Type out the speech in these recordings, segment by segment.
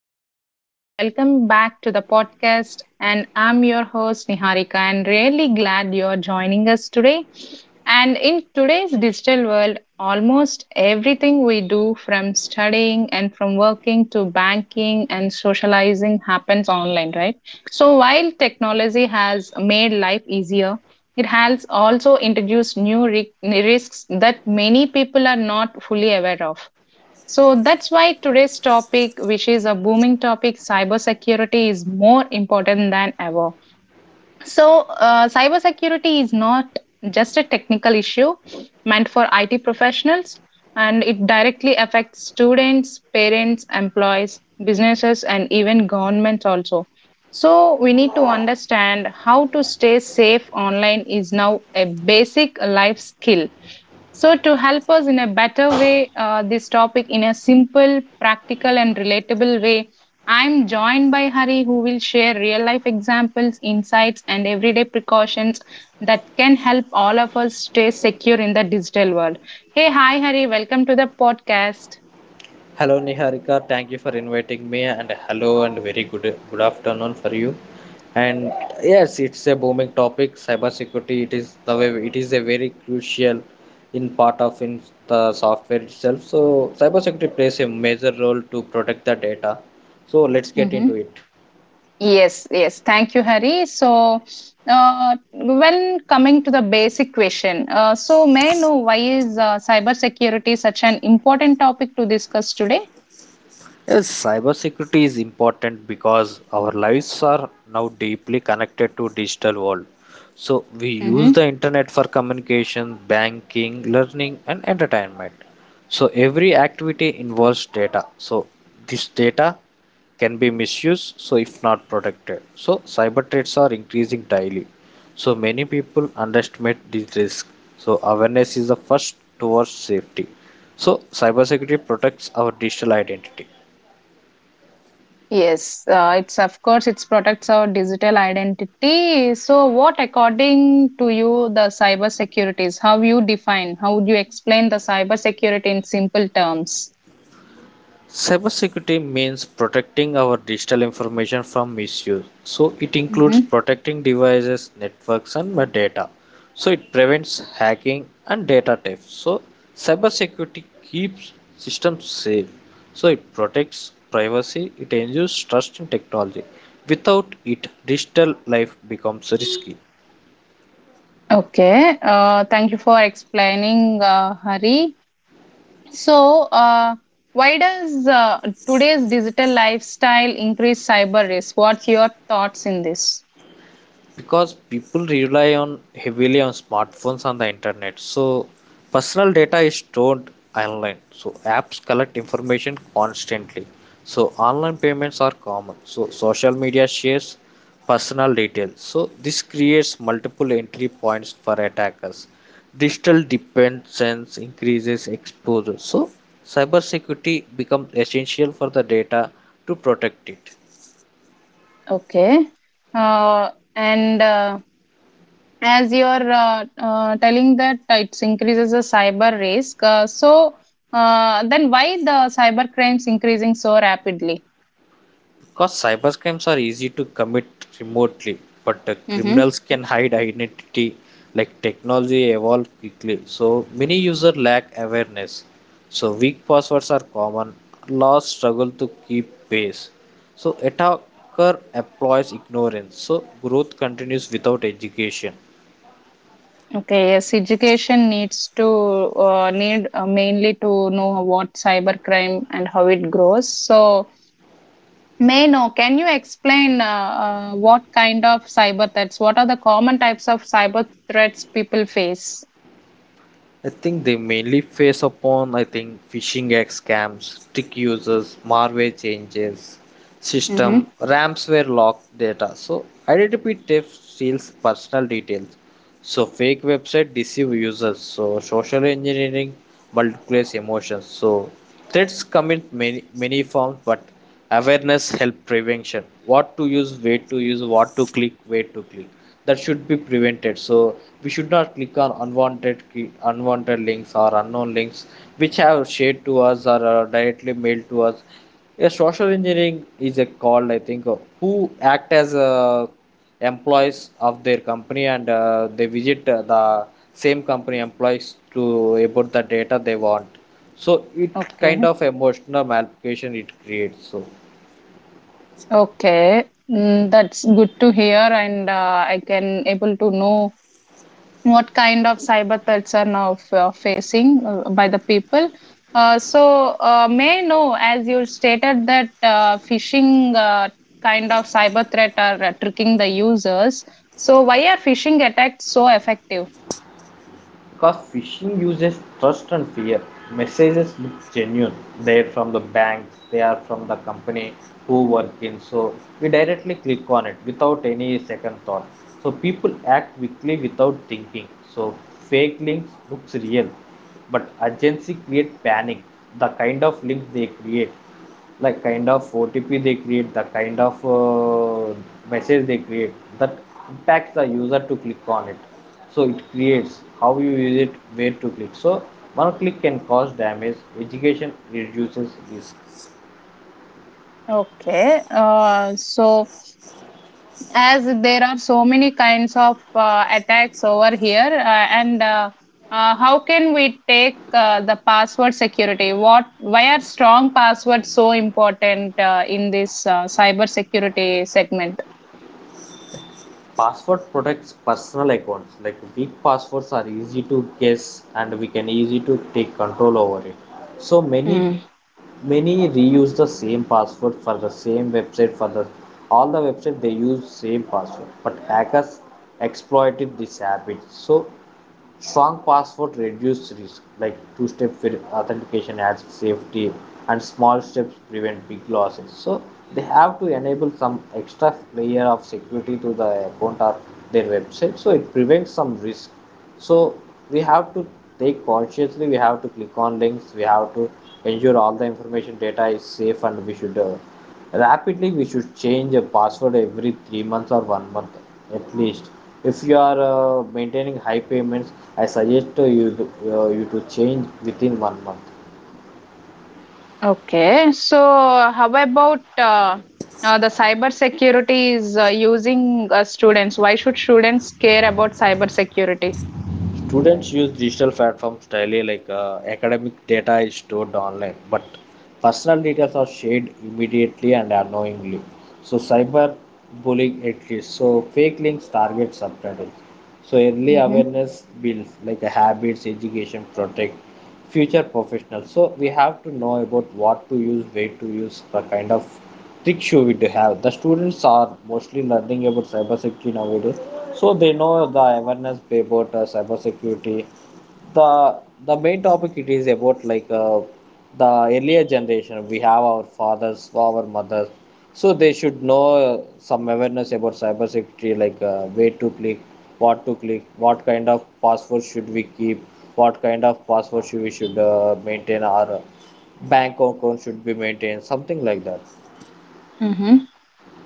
everyone, and welcome back to the podcast. And I'm your host Niharika, and really glad you're joining us today. And in today's digital world, almost everything we do from studying and from working to banking and socializing happens online, right? So while technology has made life easier, it has also introduced risks that many people are not fully aware of. So that's why today's topic, which is a booming topic, cybersecurity is more important than ever. So, cybersecurity is not just a technical issue meant for IT professionals, and it directly affects students, parents, employees, businesses, and even governments also. So, we need to understand how to stay safe online is now a basic life skill, so to help us in a better way, this topic in a simple, practical, and relatable way, I'm joined by Hari, who will share real life examples, insights, and everyday precautions that can help all of us stay secure in the digital world. Hey, hi, Hari, welcome to the podcast. Hello Niharika, thank you for inviting me and hello and very good afternoon for you. And yes, it's a booming topic. Cybersecurity, it is the way it is a very crucial in part of in the software itself. So cybersecurity plays a major role to protect the data. So let's get into Mm-hmm. it. Yes, yes, thank you, Hari. So, when coming to the basic question, so may I know why is cybersecurity such an important topic to discuss today? Yes, cybersecurity is important because our lives are now deeply connected to digital world. So we use Mm-hmm. the internet for communication, banking, learning and entertainment. So every activity involves data. So this data can be misused so if not protected. So cyber threats are increasing daily. So many people underestimate this risk. So awareness is the first towards safety. So cybersecurity protects our digital identity. Yes, it's of course it's protects our digital identity. So, what according to you the cyber security is? How you define? How would you explain the cyber security in simple terms? Cybersecurity means protecting our digital information from misuse. So it Mm-hmm. includes protecting devices, networks, and metadata. So it prevents hacking and data theft. So cybersecurity keeps systems safe. So it protects privacy, it ensures trust in technology. Without it, digital life becomes risky. Okay. Thank you for explaining, Hari. So, why does today's digital lifestyle increase cyber risk? What's your thoughts in this? Because people rely on heavily on smartphones and the internet, so personal data is stored online, so apps collect information constantly, so online payments are common, so social media shares personal details, so this creates multiple entry points for attackers. Digital dependence increases exposure, so cybersecurity becomes essential for the data to protect it. Okay. And as you're telling that it increases the cyber risk, so then why the cyber crimes increasing so rapidly? Because cybercrimes are easy to commit remotely, but Hmm. criminals can hide identity, like technology evolve quickly. So many users lack awareness. So weak passwords are common. Laws struggle to keep pace. So attacker employs ignorance. So growth continues without education. Okay, yes, education needs to need mainly to know what cyber crime and how it grows. So, may know, can you explain what kind of cyber threats? What are the common types of cyber threats people face? I think they mainly face upon I think phishing egg scams, trick users, malware changes, system Hmm. ransomware locked data. So identity theft steals personal details. So fake website deceive users. So social engineering multiplies emotions. So threats come in many forms, but awareness help prevention. What to use, where to use, what to click, where to click, that should be prevented. So we should not click on unwanted links or unknown links which have shared to us or are directly mailed to us. A social engineering is a called, I think, who act as employees of their company, and they visit the same company employees to about the data they want. So it kind Okay. of emotional malplication it creates so. Okay, that's good to hear, and I can able to know what kind of cyber threats are now facing by the people. May I know, as you stated that phishing kind of cyber threat are tricking the users. So, why are phishing attacks so effective? Because phishing uses trust and fear. Messages look genuine. They're from the banks, they are from the company who work in. So we directly click on it without any second thought. So people act quickly without thinking. So fake links looks real. But agency create panic. The kind of link they create, like kind of OTP they create, the kind of message they create, that impacts the user to click on it. So it creates how you use it, where to click. So one click can cause damage, education reduces risk. Okay, so as there are so many kinds of attacks over here and how can we take the password security, what why are strong passwords so important in this cyber security segment? Password protects personal accounts. Like weak passwords are easy to guess and we can easy to take control over it. So many Mm, many reuse the same password for the same website, for the all the website they use same password, but hackers exploited this habit. So strong password reduce risk, like authentication adds safety, and small steps prevent big losses. So they have to enable some extra layer of security to the account or their website, so it prevents some risk. So we have to take consciously. We have to click on links. We have to ensure all the information data is safe, and we should rapidly we should change a password every 3 months or 1 month at least. If you are maintaining high payments, I suggest you to, you to change within 1 month. okay, so how about the cyber security is using students, why should students care about cyber security? Students use digital platforms daily, like academic data is stored online, but personal details are shared immediately and unknowingly. So cyber bullying exists. So fake links target subtitles. So early Mm-hmm. awareness builds like a habits, education protect future professionals. So we have to know about what to use, where to use, the kind of tricks you would have. The students are mostly learning about cybersecurity nowadays, so they know the awareness about cybersecurity. The the main topic it is about like the earlier generation. We have our fathers, our mothers, so they should know some awareness about cybersecurity, like where to click, what kind of password should we keep, what kind of password should we should maintain, our bank account should be maintained, something like that. Mm-hmm.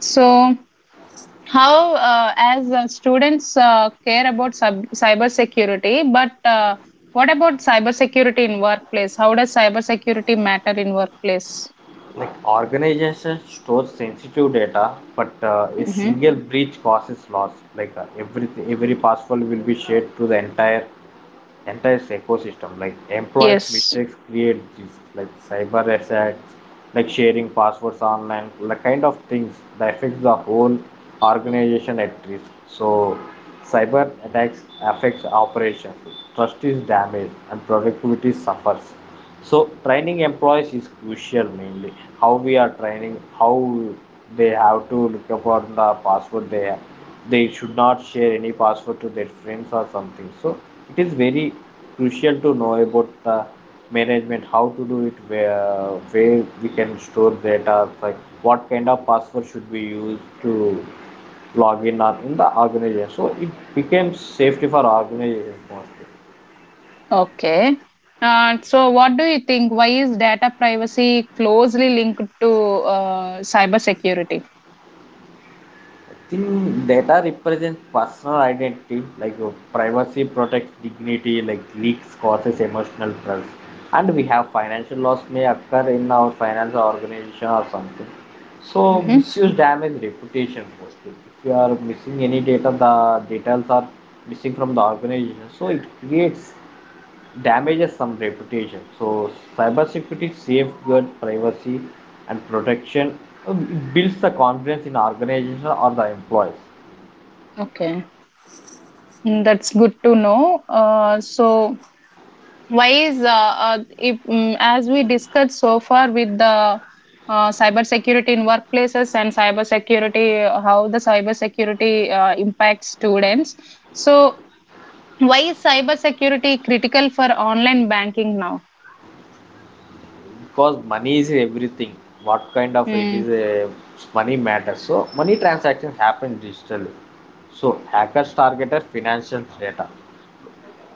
So how as students care about cybersecurity, but what about cybersecurity in workplace? How does cybersecurity matter in workplace? Like organizations store sensitive data, but a Hmm. single breach causes loss. Like every password will be shared to the entire ecosystem. Like employees' Yes. mistakes create risk, like cyber attacks, like sharing passwords online, like kind of things that affects the whole organization at risk. So cyber attacks affects operations, trust is damaged, and productivity suffers. So training employees is crucial, mainly how we are training, how they have to look upon the password they have. They should not share any password to their friends or something. So it is very crucial to know about the management, how to do it, where we can store data, like what kind of password should we use to log in or in the organization, so it becomes safety for organizations mostly. Okay. So, what do you think? Why is data privacy closely linked to cybersecurity? I think data represents personal identity, like privacy protects dignity, like leaks causes emotional trust, and we have financial loss may occur in our financial organization or something. So Mm-hmm. misuse damage reputation mostly. If you are missing any data, the details are missing from the organization. So it creates damages some reputation. So cybersecurity safeguard privacy and protection. It builds the confidence in organization or the employees. Okay. Mm, that's good to know. So, why is if, mm as we discussed so far with the cyber security in workplaces and cyber security, how the cyber security impacts students, so why is cyber security critical for online banking now? Because money is everything. What kind of it is Mm. a money matters. So money transactions happen digitally. So hackers targeted financial data.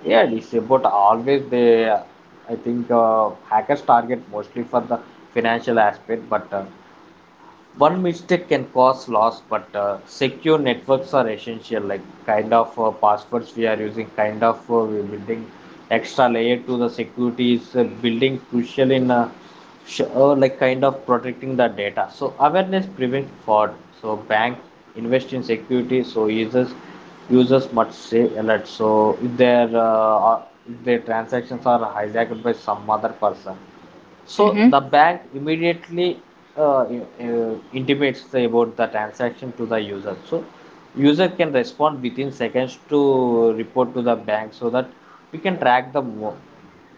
Yeah, it's about always they. I think hackers target mostly for the financial aspect, but one mistake can cause loss, but secure networks are essential, like kind of passwords we are using, kind of we're building extra layer to the security is building crucial in like kind of protecting the data. So awareness prevents fraud, so bank invest in security, so users must stay alert. So if their transactions are hijacked by some other person, so Mm-hmm. the bank immediately uh, intimates the- about the transaction to the user. So user can respond within seconds to report to the bank so that we can track the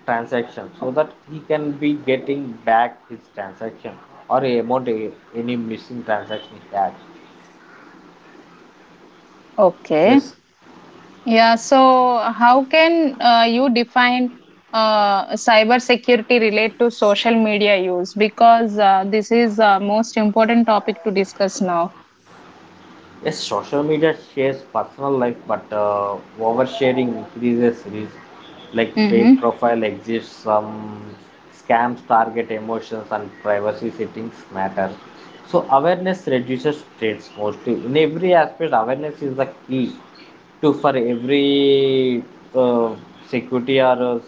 transaction, so that he can be getting back his transaction or amount, any missing transaction he had. Okay, Yes. yeah, so how can you define cyber security relate to social media use, because this is most important topic to discuss now. Yes, social media shares personal life, but oversharing increases risk. Like Mm-hmm. fake profile exists, some scams target emotions, and privacy settings matter. So awareness reduces threats mostly. In every aspect, awareness is the key to for every uh, security or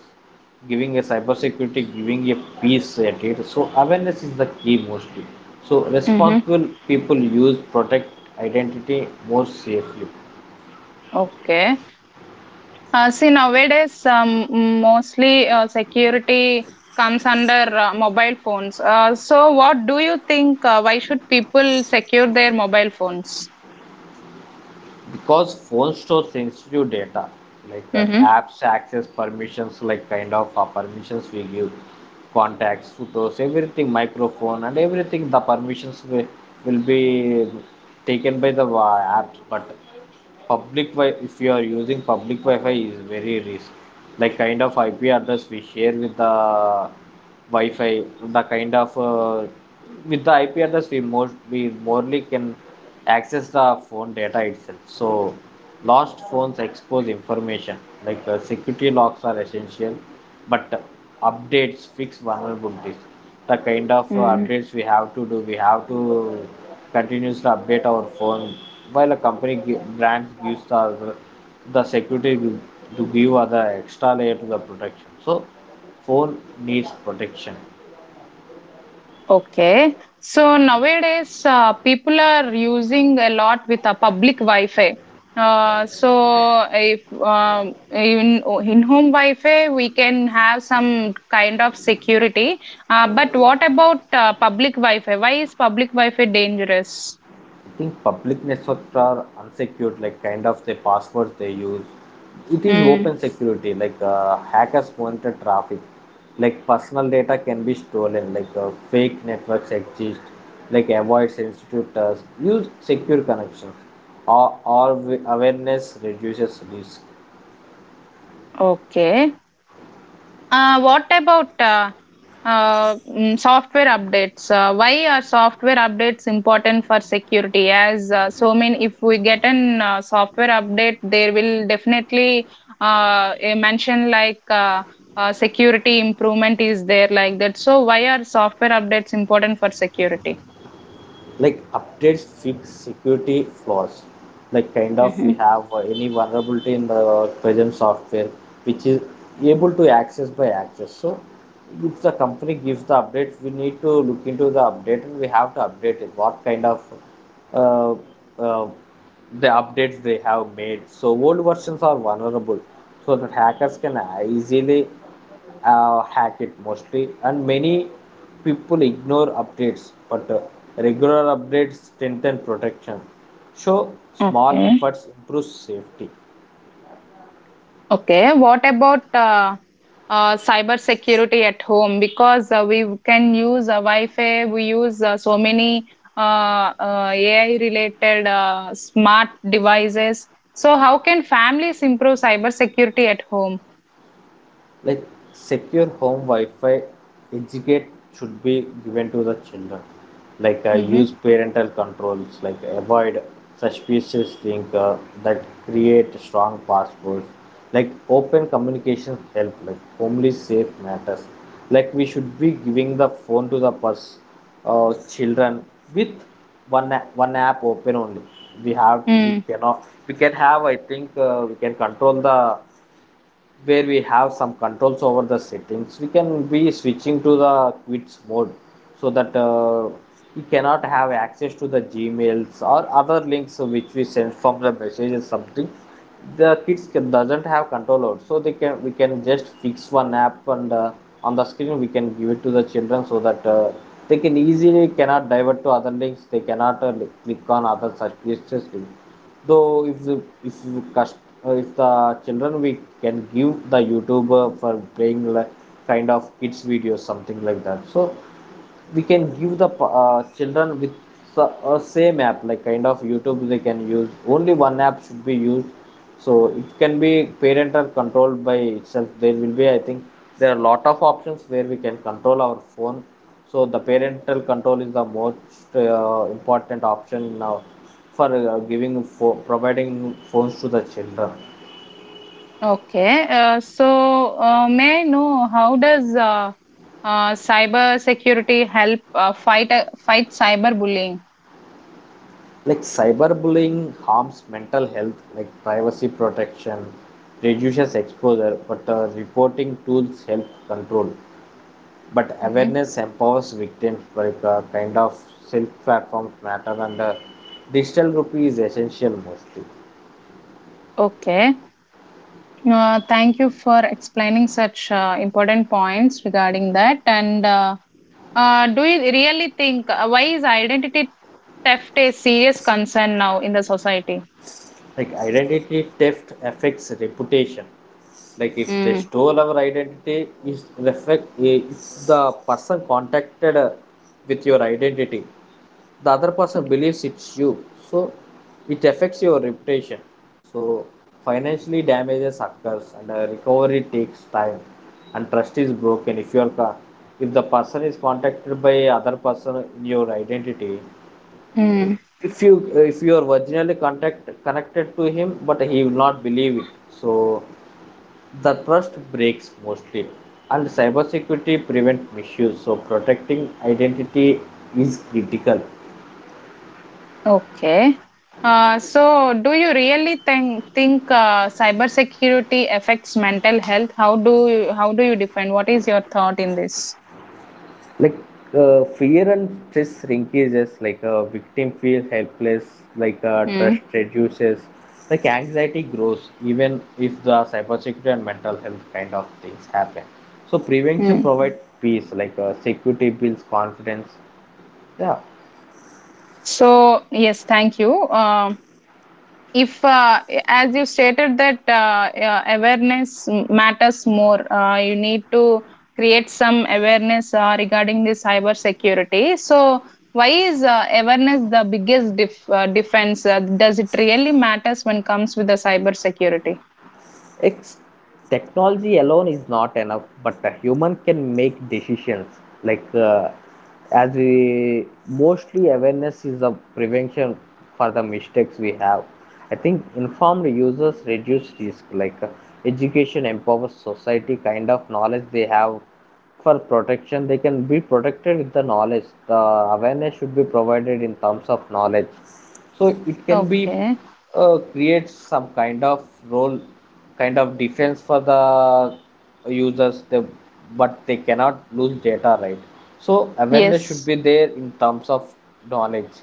giving a cyber security, giving a peace at it. So awareness is the key mostly. So Mhm. responsible people use protect identity more safely. Okay. See, nowadays, mostly security comes under mobile phones. So, what do you think? Why should people secure their mobile phones? Because phone stores sensitive data, like Mm-hmm. apps access permissions, like kind of permissions we give, contacts, photos, everything, microphone and everything, the permissions will be taken by the apps. But public wi if you are using public wi-fi is very risk, like kind of IP address we share with the wi-fi. The kind of with the IP address, we morely can access the phone data itself. So lost phones expose information, like security locks are essential, but updates fix vulnerabilities. The kind of updates we have to do, we have to continues to update our phone while a company brand gives the security to give other extra layer to the protection. So phone needs protection. Okay. So nowadays, people are using a lot with a public Wi-Fi. So if in in home Wi-Fi, we can have some kind of security. But what about public Wi-Fi? Why is public Wi-Fi dangerous? I think public networks are unsecured, like kind of the passwords they use. It is Mm. open security, like hackers monitor traffic, like personal data can be stolen, like fake networks exist, like avoid sensitive tasks, use secure connections. Or awareness reduces risk. Okay. What about software updates? Why are software updates important for security? As so many, if we get an software update, there will definitely a mention like security improvement is there like that. So why are software updates important for security? Like updates fix security flaws. Like kind of we Hmm. have any vulnerability in the present software which is able to access by access. So if the company gives the update, we need to look into the update and we have to update it. What kind of uh, uh, the updates they have made. So old versions are vulnerable so that hackers can easily hack it mostly, and many people ignore updates, but regular updates strengthen protection. So small Okay. efforts improve safety. Okay, what about cyber security at home? Because we can use Wi-Fi, we use so many AI-related smart devices. So, how can families improve cyber security at home? Like secure home wi-fi. Educate should be given to the children. Like use Mm-hmm. parental controls, like avoid suspicious link, that create strong passwords. Like open communication help, like only safe matters. Like we should be giving the phone to the children with one app open only. we have we Mm, cannot we can have, I think, we can control the, where we have some controls over the settings. We can be switching to the quits mode so that we cannot have access to the gmails or other links which we send from the messages something. The kids can, doesn't have control over, so they can, we can just fix one app and on the screen we can give it to the children so that they can easily cannot divert to other links. They cannot click on other such pages. Though if the, if the cust- if the children, we can give the youtuber for playing like kind of kids videos something like that. So we can give the children with the same app like kind of youtube. They can use only one app should be used. So it can be parental controlled by itself. There will be, I think there are a lot of options where we can control our phone. So the parental control is the most important option now for providing phones to the children. okay, may I know how does cyber security help fight cyberbullying? Like cyberbullying harms mental health. Like privacy protection reduces exposure, but reporting tools help control. But Mm-hmm. awareness empowers victims, like kind of self platforms matter, and the digital rupee is essential mostly. Okay. Thank you for explaining such important points regarding that. And do you really think why is identity theft a serious concern now in the society? Like identity theft affects reputation. Like if they Mm. stole our identity is reflect, eh, if the person contacted with your identity, the other person believes it's you. So it affects your reputation. So financially damages occurs and recovery takes time. And trust is broken if your, if the person is contacted by other person in your identity. Mm. If you are originally contact connected to him, but he will not believe it. So the trust breaks mostly. And cybersecurity prevent misuse, so protecting identity is critical. Okay. So, do you really think cybersecurity affects mental health? How do you define? What is your thought in this? Like fear and stress shrinkages, like a victim feels helpless. Like trust Mm. reduces. Like anxiety grows even if the cybersecurity and mental health kind of things happen. So prevention Mm. provides peace, like security builds confidence. Yeah, So, yes, thank you. If as you stated that awareness matters more, you need to create some awareness regarding the cyber security, so why is awareness the biggest defense? Does it really matters when comes with the cyber security? ex- technology alone is not enough, but a human can make decisions. Like as we mostly, awareness is the prevention for the mistakes we have. I think informed users reduce risk. Like education empowers society. Kind of knowledge they have for protection, they can be protected with the knowledge. The awareness should be provided in terms of knowledge. So it can be Okay. Create some kind of role, kind of defense for the users. They, but they cannot lose data, right? So awareness should Yes. be there in terms of knowledge.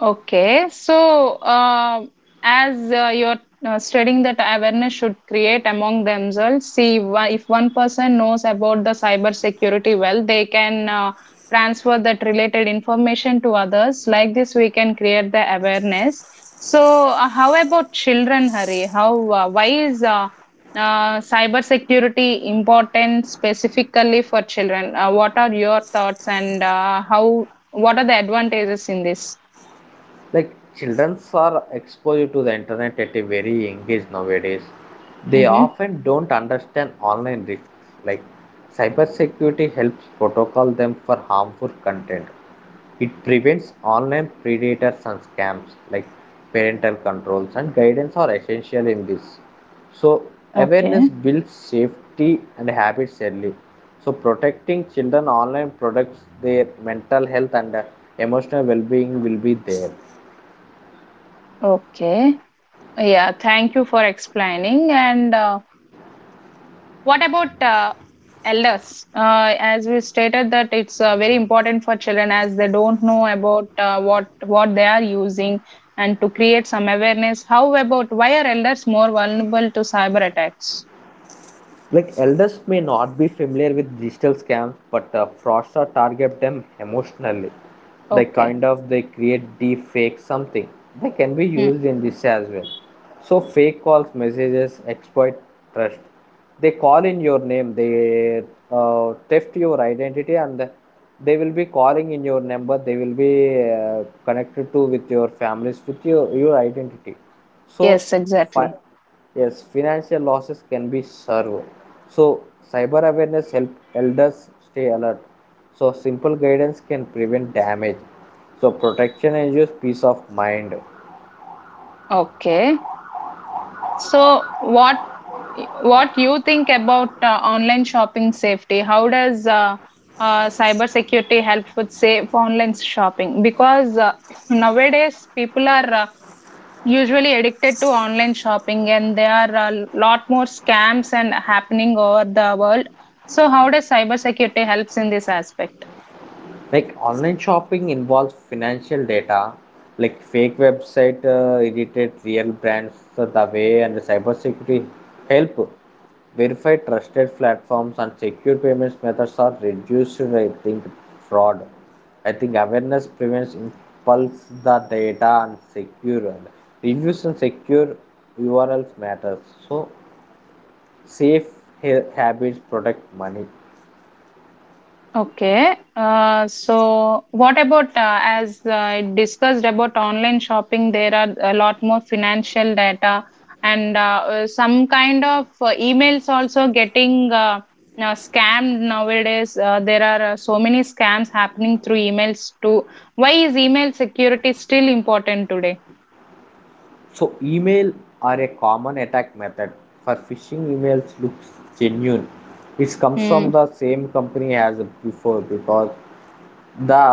Okay, so as you're studying that awareness should create among themselves, see if one person knows about the cyber security well, they can transfer that related information to others. Like this, we can create the awareness. So, how about children, Hari? How why is cyber security important specifically for children? What are your thoughts and how? What are the advantages in this? Like children are exposed to the internet at a very young age nowadays. They Mm-hmm. often don't understand online risks. Like cybersecurity helps protocol them for harmful content. It prevents online predators and scams. Like parental controls and guidance are essential in this. So awareness Okay. builds safety and habits early. So protecting children online protects their mental health and emotional well-being will be there. Okay. Yeah, thank you for explaining. And what about elders? As we stated that it's very important for children as they don't know about what they are using and to create some awareness. How about why are elders more vulnerable to cyber attacks? Like elders may not be familiar with digital scams, but fraudsters target them emotionally. They Okay. kind of they create deep fake something. They can be Hmm. used in this as well. So fake calls, messages, exploit trust. They call in your name. They theft your identity, and they will be calling in your number. They will be connected to with your families with your identity. So Yes, fi- exactly. yes, financial losses can be served. So cyber awareness help elders stay alert. So simple guidance can prevent damage. So protection ensures peace of mind. Okay. So what you think about online shopping safety? How does cybersecurity help with safe online shopping? Because nowadays people are usually addicted to online shopping, and there are a lot more scams and happening over the world. So how does cyber security helps in this aspect? Like online shopping involves financial data, like fake website irritate real brands the way, and the cybersecurity help verify trusted platforms and secure payments methods are reduced. I think fraud. I think awareness prevents impulse the data and secure, and reviews and secure URLs matters. So safe habits protect money. Okay. So, what about as I discussed about online shopping, there are a lot more financial data and some kind of emails also getting now scammed nowadays. There are so many scams happening through emails too. Why is email security still important today? So email are a common attack method for phishing emails looks genuine. It comes from Hmm. the same company as before because the,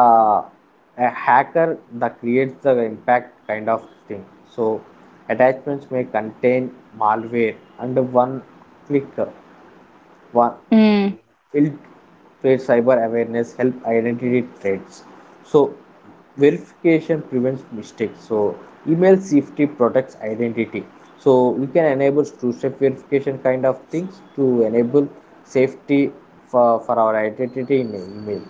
a hacker that creates the impact kind of thing. So attachments may contain malware, and one click one Hmm. will trade. Cyber awareness help identity threats. So verification prevents mistakes. So email safety protects identity. So we can enable two-step verification kind of things to enable safety for our identity in email.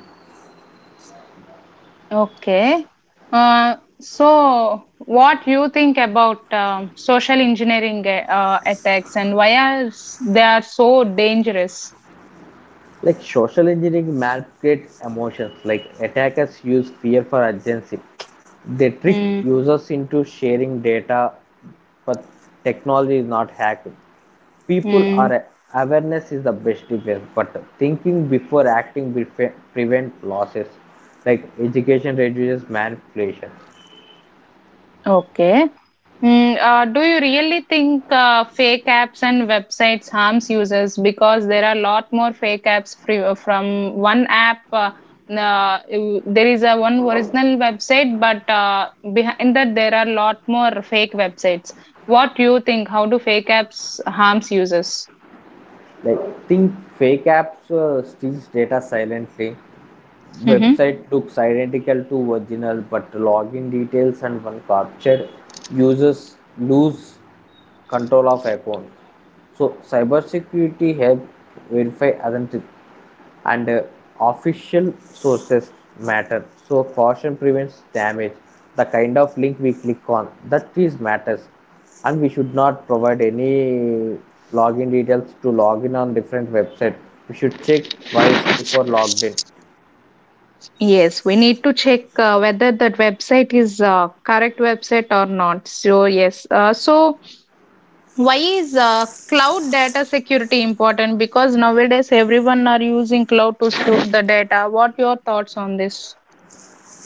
Okay. Uh, so, what you think about social engineering attacks and why are they are so dangerous? Like social engineering manipulates emotions. Like attackers use fear for agency. They trick Mm. users into sharing data, but technology is not hacking. People Mm. are, awareness is the best defense, but thinking before acting will prevent losses. Like education reduces manipulation. Okay. Mm, do you really think fake apps and websites harms users? Because there are a lot more fake apps from one app. There is a one original website, but behind that there are a lot more fake websites. What do you think? How do fake apps harms users? Like think fake apps steals data silently. Hmm. Website looks identical to original, but login details and one captured, users lose control of account. So cybersecurity help verify identity and official sources matter. So caution prevents damage. The kind of link we click on, that is matters. And we should not provide any login details to login on different website. We should check twice before logged in. Yes, we need to check whether that website is correct website or not. So yes, so why is cloud data security important, because nowadays everyone are using cloud to store the data? What your thoughts on this?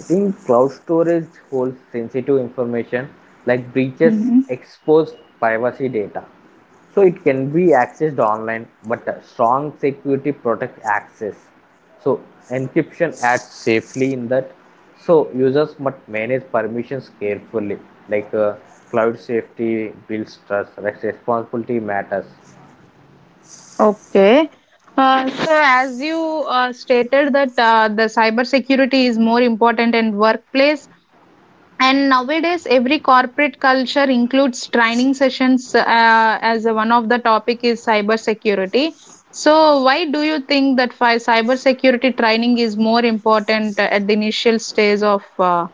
I think cloud storage holds sensitive information. Like breaches Hmm. expose privacy data. So it can be accessed online, but a strong security protect access. So encryption adds safely in that. So users must manage permissions carefully. Like cloud safety builds trust, responsibility matters. Okay, so as you stated that the cyber security is more important in workplace, and nowadays, every corporate culture includes training sessions as one of the topic is cyber security. So, why do you think that cyber security training is more important at the initial stage of uh,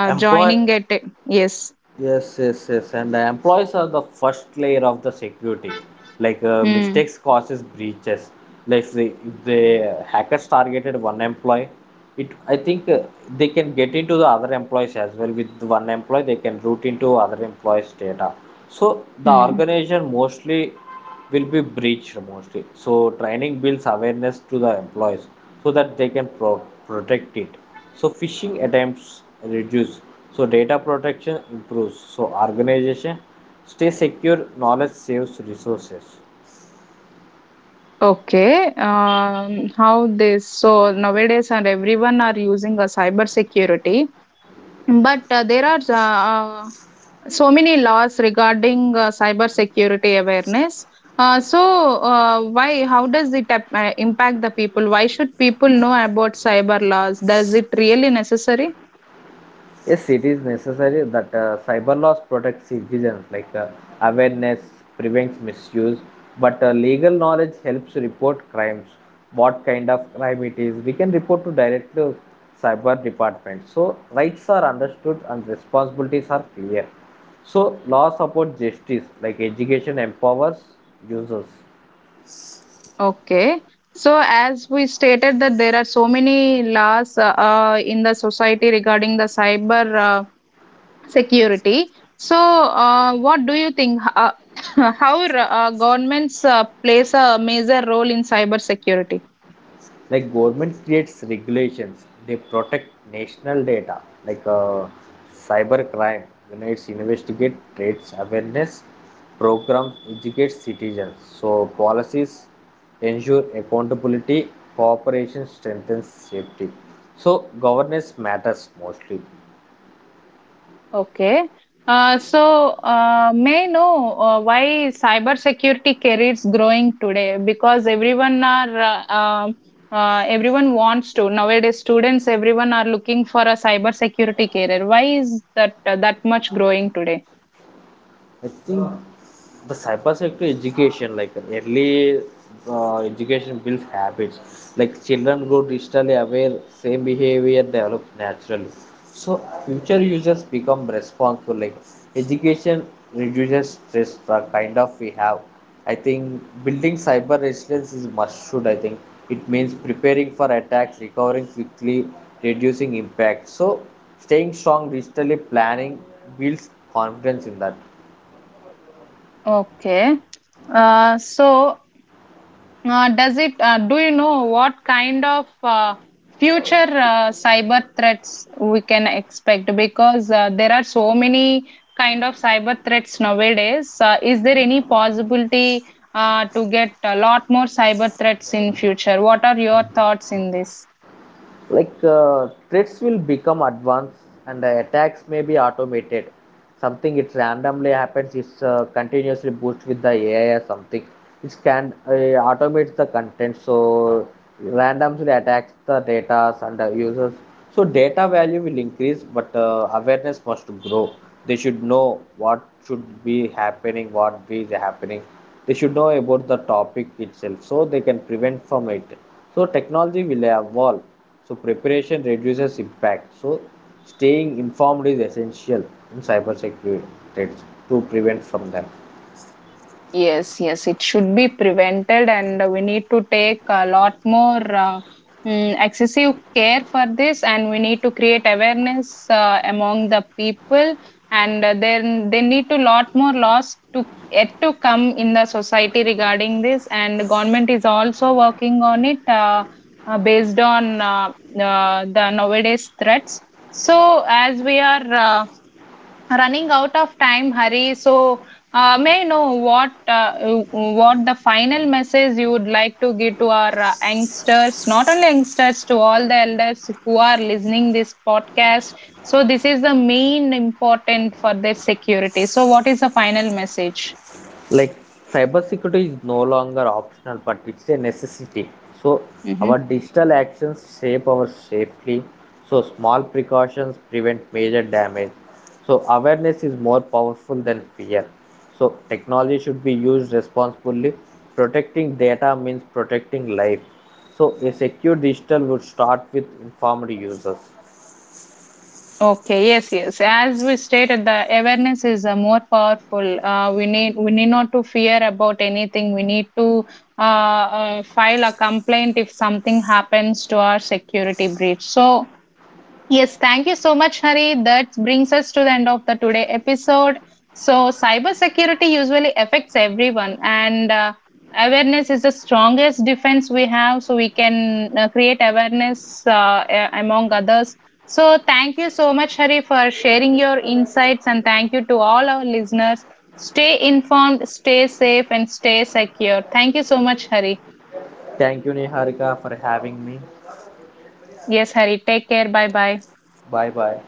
uh, Employ joining a tech? Yes. Yes, yes, yes. And the employees are the first layer of the security. Like Mm. mistakes causes breaches. Like if the hackers targeted one employee, it I think they can get into the other employees as well. With one employee, they can route into other employees' data. So the Mm. organization mostly will be breached mostly. So training builds awareness to the employees so that they can protect it. So phishing attempts reduce. So data protection improves. So organization stay secure. Knowledge saves resources. Okay. How this? So nowadays, and everyone are using a cyber security, but there are so many laws regarding cyber security awareness. Why? How does it impact the people? Why should people know about cyber laws? Does it really necessary? Yes, it is necessary that cyber laws protect citizens. Like awareness prevents misuse, but legal knowledge helps report crimes. What kind of crime it is, we can report to directly to cyber department. So rights are understood and responsibilities are clear. So law support justice. Like education empowers users. Okay. So as we stated that there are so many laws in the society regarding the cyber security. So what do you think? How governments plays a major role in cyber security? Like government creates regulations. They protect national data. Like cyber crime units investigate trades. Awareness programs educate citizens. So policies ensure accountability. Cooperation strengthens safety. So governance matters mostly. Okay. May I know why cybersecurity careers growing today? Because everyone are everyone wants to nowadays. Students, everyone are looking for a cybersecurity career. Why is that that much growing today? I think the cyber sector education, like early education builds habits. Like children grow digitally aware, same behavior develops naturally. So future users become responsible. Like education reduces stress, the kind of we have. I think building cyber resilience is must should. I think it means preparing for attacks, recovering quickly, reducing impact. So staying strong digitally, planning builds confidence in that. Okay. So does it? Do you know what kind of future cyber threats we can expect? Because there are so many kind of cyber threats nowadays. Is there any possibility to get a lot more cyber threats in future? What are your thoughts in this? Like threats will become advanced, and the attacks may be automated something. It randomly happens. It's continuously boost with the AI or something. It can automates the content. So randomly attacks the data and the users. So data value will increase, but awareness must grow. They should know what should be happening, what is happening. They should know about the topic itself so they can prevent from it. So technology will evolve. So preparation reduces impact. So staying informed is essential in cybersecurity threats to prevent from them. Yes, yes, it should be prevented, and we need to take a lot more excessive care for this, and we need to create awareness among the people, and then they need to lot more laws to yet to come in the society regarding this, and government is also working on it based on the nowadays threats. So, as we are running out of time hurry, so may I know what the final message you would like to give to our youngsters, not only youngsters, to all the elders who are listening this podcast, so this is the main important for their security, so what is the final message? Like cybersecurity is no longer optional, but it's a necessity. So Mm-hmm. our digital actions shape our safely. So small precautions prevent major damage. So awareness is more powerful than fear. So technology should be used responsibly. Protecting data means protecting life. So a secure digital would start with informed users. Okay, yes, yes. As we stated, the awareness is more powerful. We need not to fear about anything. We need to file a complaint if something happens to our security breach. So yes, thank you so much, Hari. That brings us to the end of the today episode. So, cybersecurity usually affects everyone, and awareness is the strongest defense we have. So, we can create awareness among others. So, thank you so much, Hari, for sharing your insights, and thank you to all our listeners. Stay informed, stay safe, and stay secure. Thank you so much, Hari. Thank you, Niharika, for having me. Yes, Hari. Take care. Bye bye. Bye bye.